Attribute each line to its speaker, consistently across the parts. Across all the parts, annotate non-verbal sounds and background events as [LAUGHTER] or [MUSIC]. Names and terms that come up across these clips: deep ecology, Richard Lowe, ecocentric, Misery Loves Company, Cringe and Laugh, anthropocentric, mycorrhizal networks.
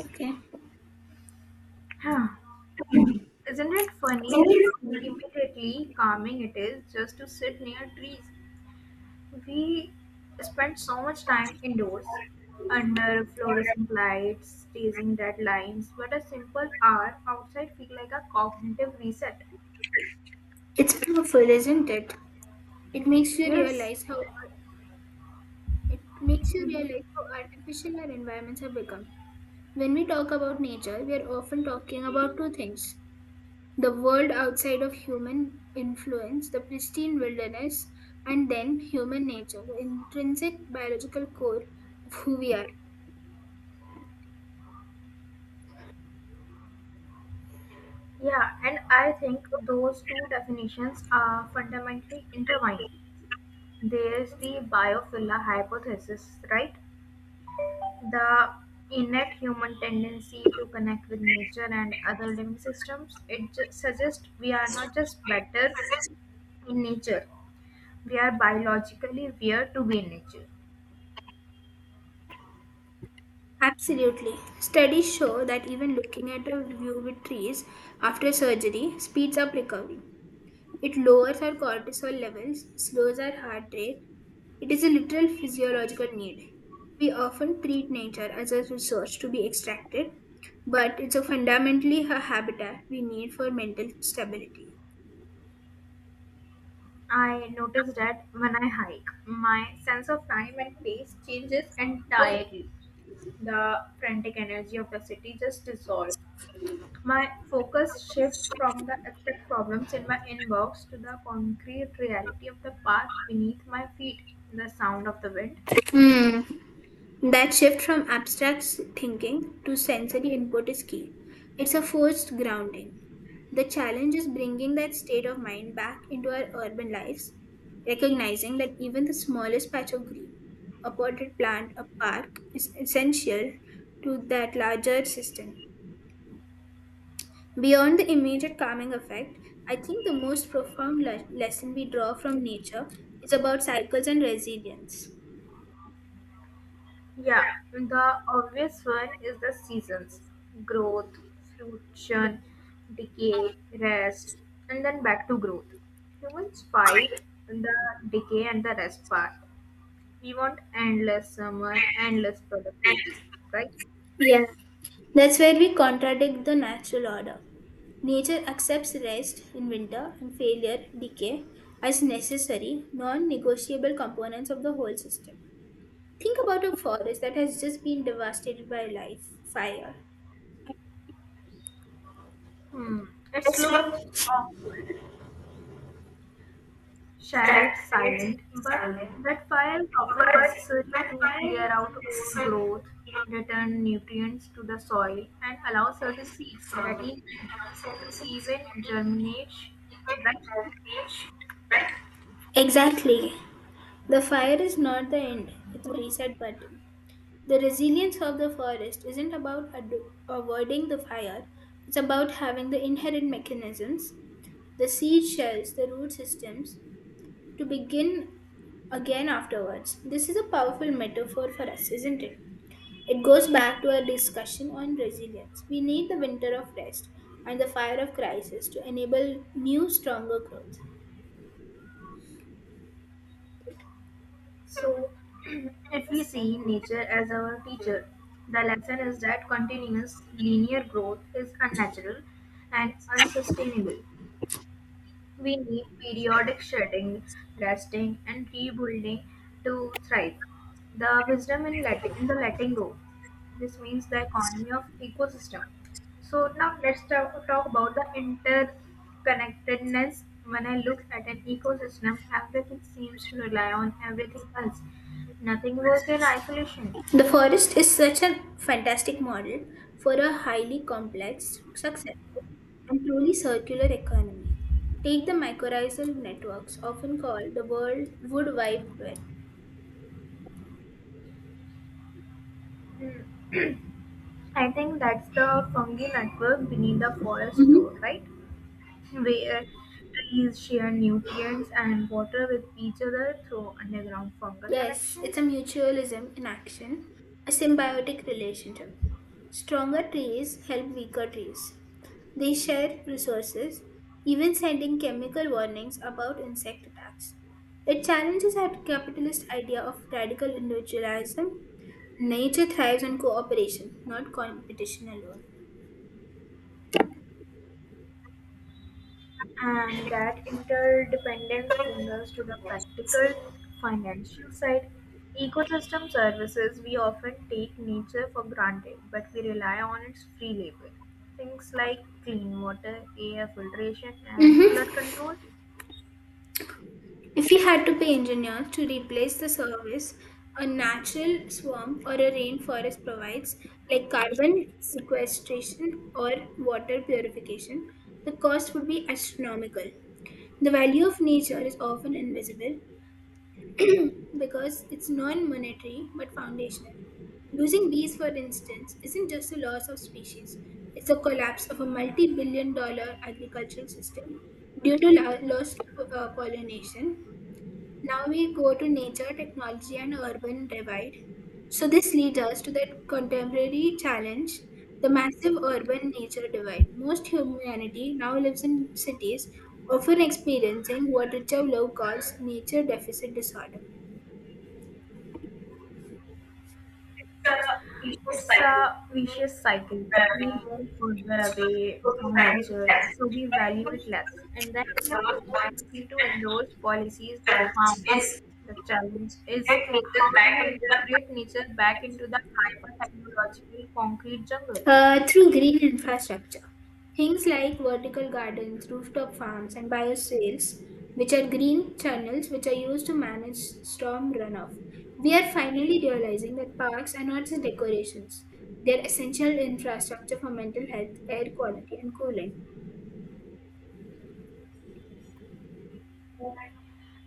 Speaker 1: Okay.
Speaker 2: Huh. Isn't it funny how immediately calming it is just to sit near trees? We spend so much time indoors, under fluorescent lights, chasing deadlines, but a simple hour outside feels like a cognitive reset.
Speaker 1: It's powerful, isn't it? It makes you
Speaker 2: Yes.
Speaker 1: realize it makes you
Speaker 2: Mhm.
Speaker 1: realize how artificial our environments have become. When we talk about nature, we are often talking about two things: the world outside of human influence, the pristine wilderness, and then human nature, the intrinsic biological core of who we are.
Speaker 2: Yeah, and I think those two definitions are fundamentally intertwined. There's the biophilia hypothesis, right? The innate human tendency to connect with nature and other living systems suggests we are not just better in nature. We are biologically wired to be in nature.
Speaker 1: Absolutely. Studies show that even looking at a view with trees after surgery speeds up recovery. It lowers our cortisol levels, slows our heart rate. It is a literal physiological need. We often treat nature as a resource to be extracted, but it's a fundamentally a habitat we need for mental stability.
Speaker 2: I notice that when I hike, my sense of time and pace changes entirely. The frantic energy of the city just dissolves. My focus shifts from the abstract problems in my inbox to the concrete reality of the path beneath my feet, the sound of the wind.
Speaker 1: Hmm. That shift from abstract thinking to sensory input is key. It's a forced grounding. The challenge is bringing that state of mind back into our urban lives, recognizing that even the smallest patch of green, a potted plant, a park, is essential to that larger system. Beyond the immediate calming effect, I think the most profound lesson we draw from nature is about cycles and resilience.
Speaker 2: Yeah, the obvious one is the seasons: growth, fruition, decay, rest, and then back to growth. Humans fight the decay and the rest part. We want endless summer, endless productivity, right?
Speaker 1: Yeah, that's where we contradict the natural order. Nature accepts rest in winter and failure, decay, as necessary, non negotiable components of the whole system. Think about a forest that has just been devastated by life, fire.
Speaker 2: Hmm, it looks awful, Charlotte, silent, but that fire is often necessary to clear out old growth, return nutrients to the soil, and allow certain seeds that need heat to even germinate, right?
Speaker 1: Exactly. The fire is not the end, it's a reset button. The resilience of the forest isn't about avoiding the fire, it's about having the inherent mechanisms, the seed shells, the root systems, to begin again afterwards. This is a powerful metaphor for us, isn't it? It goes back to our discussion on resilience. We need the winter of rest and the fire of crisis to enable new, stronger growth.
Speaker 2: So, [CLEARS THROAT] if we see nature as our teacher, the lesson is that continuous linear growth is unnatural and unsustainable. We need periodic shedding, resting, and rebuilding to thrive. The wisdom in letting go. This means the economy of ecosystem. So now let's talk about the interconnectedness. When I look at an ecosystem, everything seems to rely on everything else. Nothing work in isolation.
Speaker 1: The forest is such a fantastic model for a highly complex, successful, and truly circular economy. Take the mycorrhizal networks, often called the world wood wide web.
Speaker 2: I think that's the fungi network beneath the forest
Speaker 1: Mhm.
Speaker 2: floor, right? Where trees share nutrients and water with each other through underground fungal
Speaker 1: Yes, it's a
Speaker 2: connections.
Speaker 1: mutualism in action, a symbiotic relationship. Stronger trees help weaker trees. They share resources, even sending chemical warnings about insect attacks. It challenges our capitalist idea of radical individualism. Nature thrives on cooperation, not competition alone.
Speaker 2: And that interdependence brings us to the practical financial side. Ecosystem services, we often take nature for granted, but we rely on its free labor. Things like clean water, air filtration, and flood control.
Speaker 1: If we had to pay engineers to replace the service a natural swamp or a rainforest provides, like carbon sequestration or water purification, the cost would be astronomical. The value of nature is often invisible [CLEARS THROAT] because it's non monetary but foundational. Losing bees, for instance, isn't just a loss of species, it's a collapse of a multi billion-dollar agricultural system due to loss of pollination. Now we go to nature, technology, and urban divide. So, this leads us to the contemporary challenge, the massive urban nature divide. Most humanity now lives in cities, often experiencing what Richard Lowe calls nature deficit disorder.
Speaker 2: It's a vicious cycle. We move further away from nature, so we value it less, and then we are more likely to endorse policies that harm it. The challenge is, how do we integrate nature back into the hyper technological concrete jungle?
Speaker 1: Through green infrastructure. Things like vertical gardens, rooftop farms, and biosales, which are green channels which are used to manage storm runoff. We are finally realizing that parks are not just decorations, they are essential infrastructure for mental health, air quality, and cooling.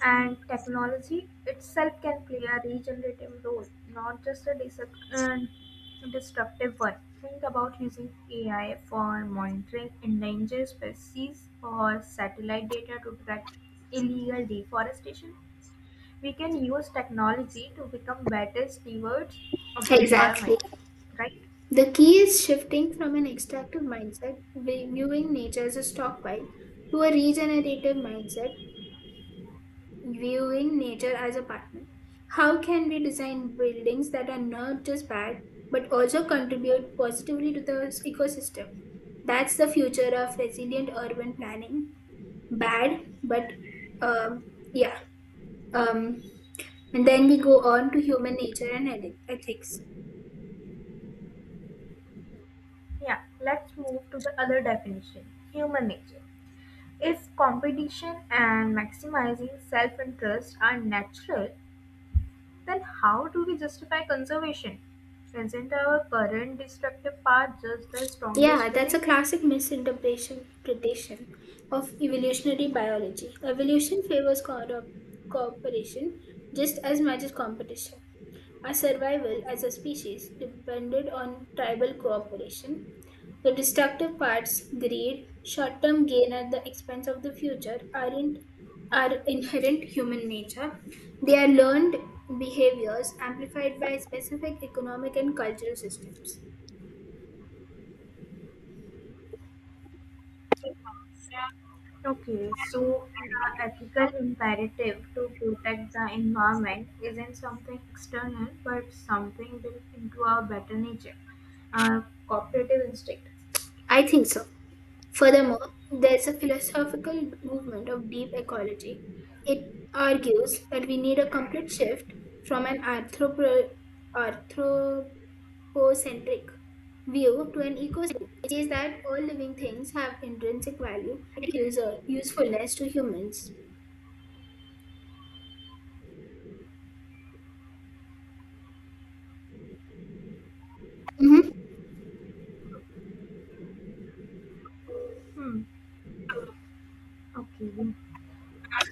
Speaker 2: And technology itself can play a regenerative role, not just a destructive one. Think about using AI for monitoring endangered species or satellite data to track illegal deforestation. We can use technology to become better stewards of the
Speaker 1: Exactly.
Speaker 2: environment, right?
Speaker 1: The key is shifting from an extractive mindset, viewing nature as a stockpile, to a regenerative mindset, viewing nature as a partner. How can we design buildings that are not just bad but also contribute positively to the ecosystem? That's the future of resilient urban planning. Bad, but yeah. Um, and then we go on to human nature and ethics.
Speaker 2: Yeah, let's move to the other definition, human nature. If competition and maximizing self interest are natural, then how do we justify conservation? Isn't our current destructive path just the
Speaker 1: Yeah,
Speaker 2: strongest
Speaker 1: that's a
Speaker 2: feeling?
Speaker 1: classic misinterpretation of evolutionary biology. Evolution favors cooperation just as much as competition. Our survival as a species depended on tribal cooperation. The destructive parts, greed, short term gain at the expense of the future, aren't are inherent human nature. They are learned behaviors amplified by specific economic and cultural systems.
Speaker 2: Okay, so the ethical imperative to protect the environment isn't something external but something built into our better nature, our cooperative instinct.
Speaker 1: I think so. Furthermore, there is a philosophical movement of deep ecology. It argues that we need a complete shift from an anthropocentric view to an ecocentric. It says that all living things have intrinsic value and usefulness to humans. Mhm.
Speaker 2: Hmm, okay.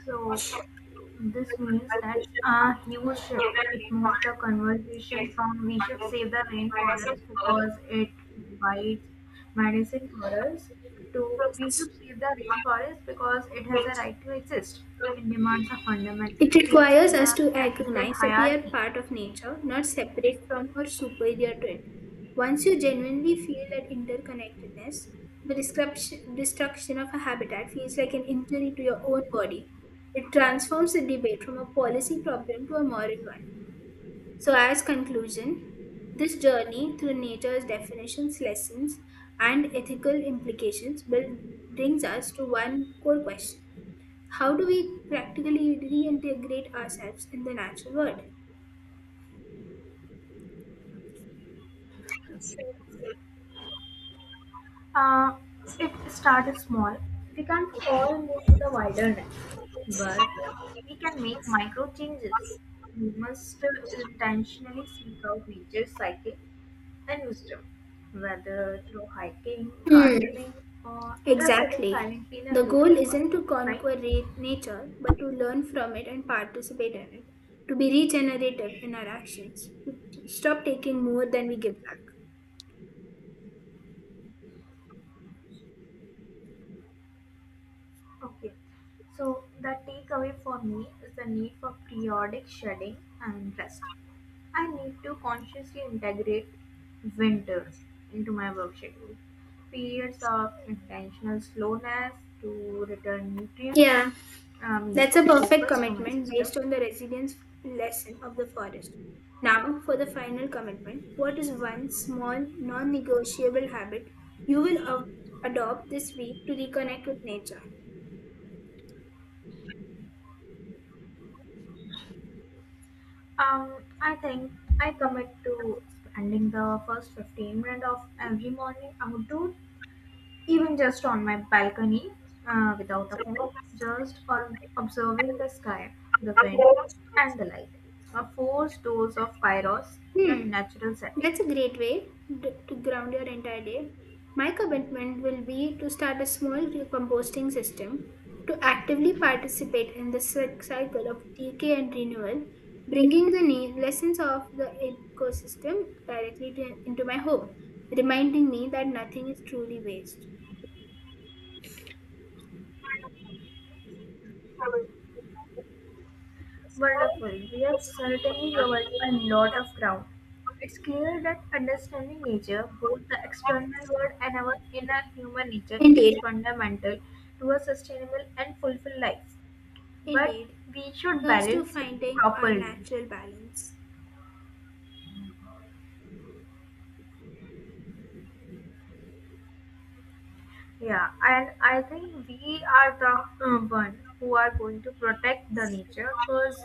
Speaker 2: So this means that's a huge shift. It moves the conversation from we should save the rainforest because it provides medicine for us, to we should save the rainforest because it has a right to exist. It demands a fundamental
Speaker 1: It
Speaker 2: change
Speaker 1: requires
Speaker 2: in
Speaker 1: us
Speaker 2: our
Speaker 1: to
Speaker 2: ethical
Speaker 1: recognize that we are
Speaker 2: hierarchy.
Speaker 1: part of nature, not separate from or superior to it. Once you genuinely feel that interconnectedness, the destruction of a habitat feels like an injury to your own body. It transforms the debate from a policy problem to a moral one. So, as conclusion, this journey through nature's definitions, lessons, and ethical implications will, brings us to one core question: how do we practically reintegrate ourselves in the natural world?
Speaker 2: Uh, it starts small. We can't all move to the wilderness, but we can make micro changes. We must intentionally seek out nature's psychic and wisdom, whether through hiking,
Speaker 1: Hmm.
Speaker 2: gardening, or just sitting
Speaker 1: Exactly.
Speaker 2: silently in a
Speaker 1: The goal
Speaker 2: local
Speaker 1: isn't
Speaker 2: park,
Speaker 1: to
Speaker 2: right?
Speaker 1: conquer nature, but to learn from it and participate in it, to be regenerative in our actions, to stop taking more than we give back.
Speaker 2: Okay, so the takeaway for me is the need for periodic shedding and rest. I need to consciously integrate winter into my work schedule. Periods of intentional slowness to return nutrients
Speaker 1: Yeah.
Speaker 2: means
Speaker 1: That's a perfect
Speaker 2: focus to my
Speaker 1: commitment
Speaker 2: system.
Speaker 1: based on the resilience lesson of the forest. Now, for the final commitment, what is one small, non negotiable habit you will adopt this week to reconnect with nature?
Speaker 2: Um, I think I commit to spending the first 15 minutes of every morning outdoors, even just on my balcony, without a phone, just on observing the sky, the wind, and the light. A four stores of Kairos in a
Speaker 1: Hmm,
Speaker 2: natural setting.
Speaker 1: that's a great way to ground your entire day. My commitment will be to start a small composting system to actively participate in the cycle of decay and renewal, bringing the lessons of the ecosystem directly to, into my home, reminding me that nothing is truly waste.
Speaker 2: Wonderful. We have certainly covered a lot of ground. It's clear that understanding nature, both the external world and our inner human nature, is
Speaker 1: Indeed.
Speaker 2: fundamental to a sustainable and fulfilled life. But
Speaker 1: Indeed,
Speaker 2: we should
Speaker 1: here's to
Speaker 2: balance it
Speaker 1: finding our
Speaker 2: properly.
Speaker 1: natural balance.
Speaker 2: Yeah, and I think we are the one who are going to protect the nature, because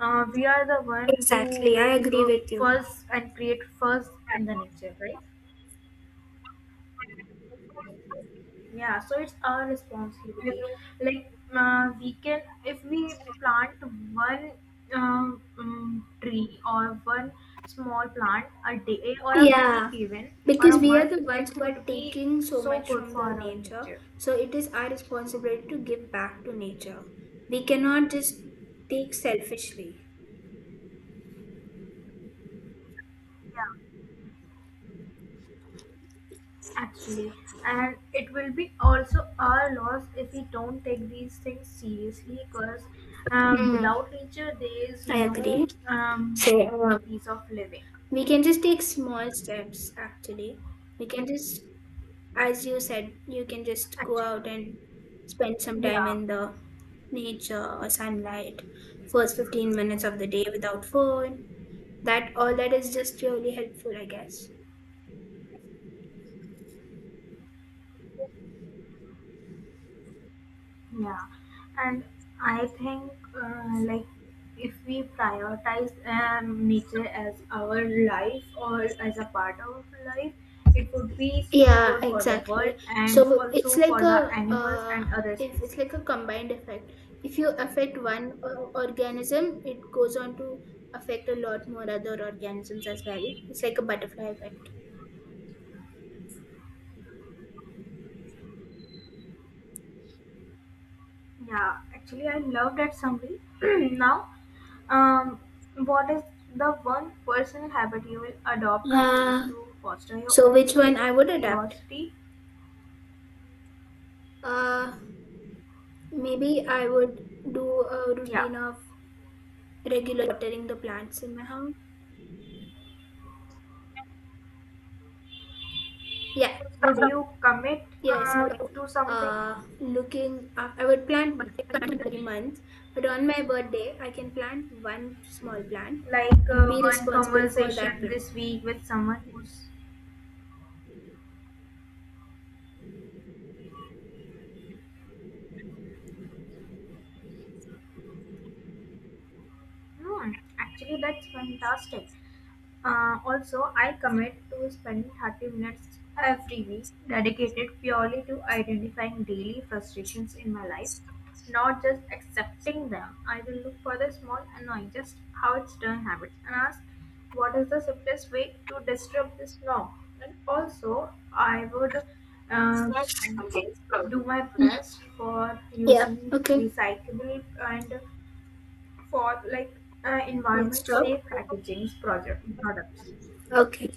Speaker 2: we are the one who
Speaker 1: Exactly, I
Speaker 2: make
Speaker 1: agree with you.
Speaker 2: fuss and create fuss in the nature, right? Yeah, so it's our responsibility. Like, we can, if we plant one tree, or one small plant a day or a week
Speaker 1: Yeah,
Speaker 2: even or
Speaker 1: because
Speaker 2: a
Speaker 1: we are
Speaker 2: month,
Speaker 1: the ones
Speaker 2: it
Speaker 1: who are
Speaker 2: would be
Speaker 1: taking so
Speaker 2: so
Speaker 1: much
Speaker 2: good
Speaker 1: from
Speaker 2: for
Speaker 1: the
Speaker 2: our
Speaker 1: nature,
Speaker 2: nature.
Speaker 1: so it is our responsibility to give back to nature. We cannot just take selfishly.
Speaker 2: Yeah, actually, and it will be also our loss if we don't take these things seriously, because
Speaker 1: Hmm,
Speaker 2: without nature there is
Speaker 1: I
Speaker 2: no
Speaker 1: agree.
Speaker 2: um, piece of living,
Speaker 1: We can just take small steps actually. We can just, as you said, you can just go out
Speaker 2: actually.
Speaker 1: and spend some time
Speaker 2: yeah
Speaker 1: in the nature or sunlight, first 15 minutes of the day without phone. That all that is just really helpful, I guess.
Speaker 2: yeah And I think like, if we prioritize nature as our life or as a part of life, it would be so
Speaker 1: Yeah,
Speaker 2: good for the world
Speaker 1: exactly.
Speaker 2: and
Speaker 1: So it's
Speaker 2: also
Speaker 1: like
Speaker 2: for
Speaker 1: a
Speaker 2: the animals and other
Speaker 1: if it's like a
Speaker 2: species.
Speaker 1: combined effect. If you affect one organism, it goes on to affect a lot more other organisms as well. It's like a butterfly effect.
Speaker 2: Yeah, actually, I love that summary. [CLEARS THROAT] Now, um, what is the one personal habit you will adopt this week
Speaker 1: Uh,
Speaker 2: to foster your
Speaker 1: so
Speaker 2: own
Speaker 1: which one
Speaker 2: creative
Speaker 1: I would adapt?
Speaker 2: curiosity?
Speaker 1: Uh, maybe I would do a
Speaker 2: Yeah,
Speaker 1: routine of regular watering the plants in my house. Yeah.
Speaker 2: would you commit
Speaker 1: Yes, I would,
Speaker 2: to something
Speaker 1: looking, I would plant multiple every month, but on my birthday, I can plant one small plant
Speaker 2: like,
Speaker 1: and be
Speaker 2: one
Speaker 1: responsible for that
Speaker 2: conversation
Speaker 1: plant.
Speaker 2: this week with someone who's... Hmm, actually, that's fantastic. Also, I commit to spending 30 minutes every week dedicated purely to identifying daily frustrations in my life, not just accepting them. I will look for the small annoying, just how it's done habits, and ask what is the simplest way to disrupt this norm. And also, I would uh, do my
Speaker 1: Mm,
Speaker 2: best for
Speaker 1: yeah.
Speaker 2: using
Speaker 1: Okay.
Speaker 2: recyclable and, for like,
Speaker 1: Let's
Speaker 2: environment
Speaker 1: talk.
Speaker 2: safe packaging project products.
Speaker 1: Okay.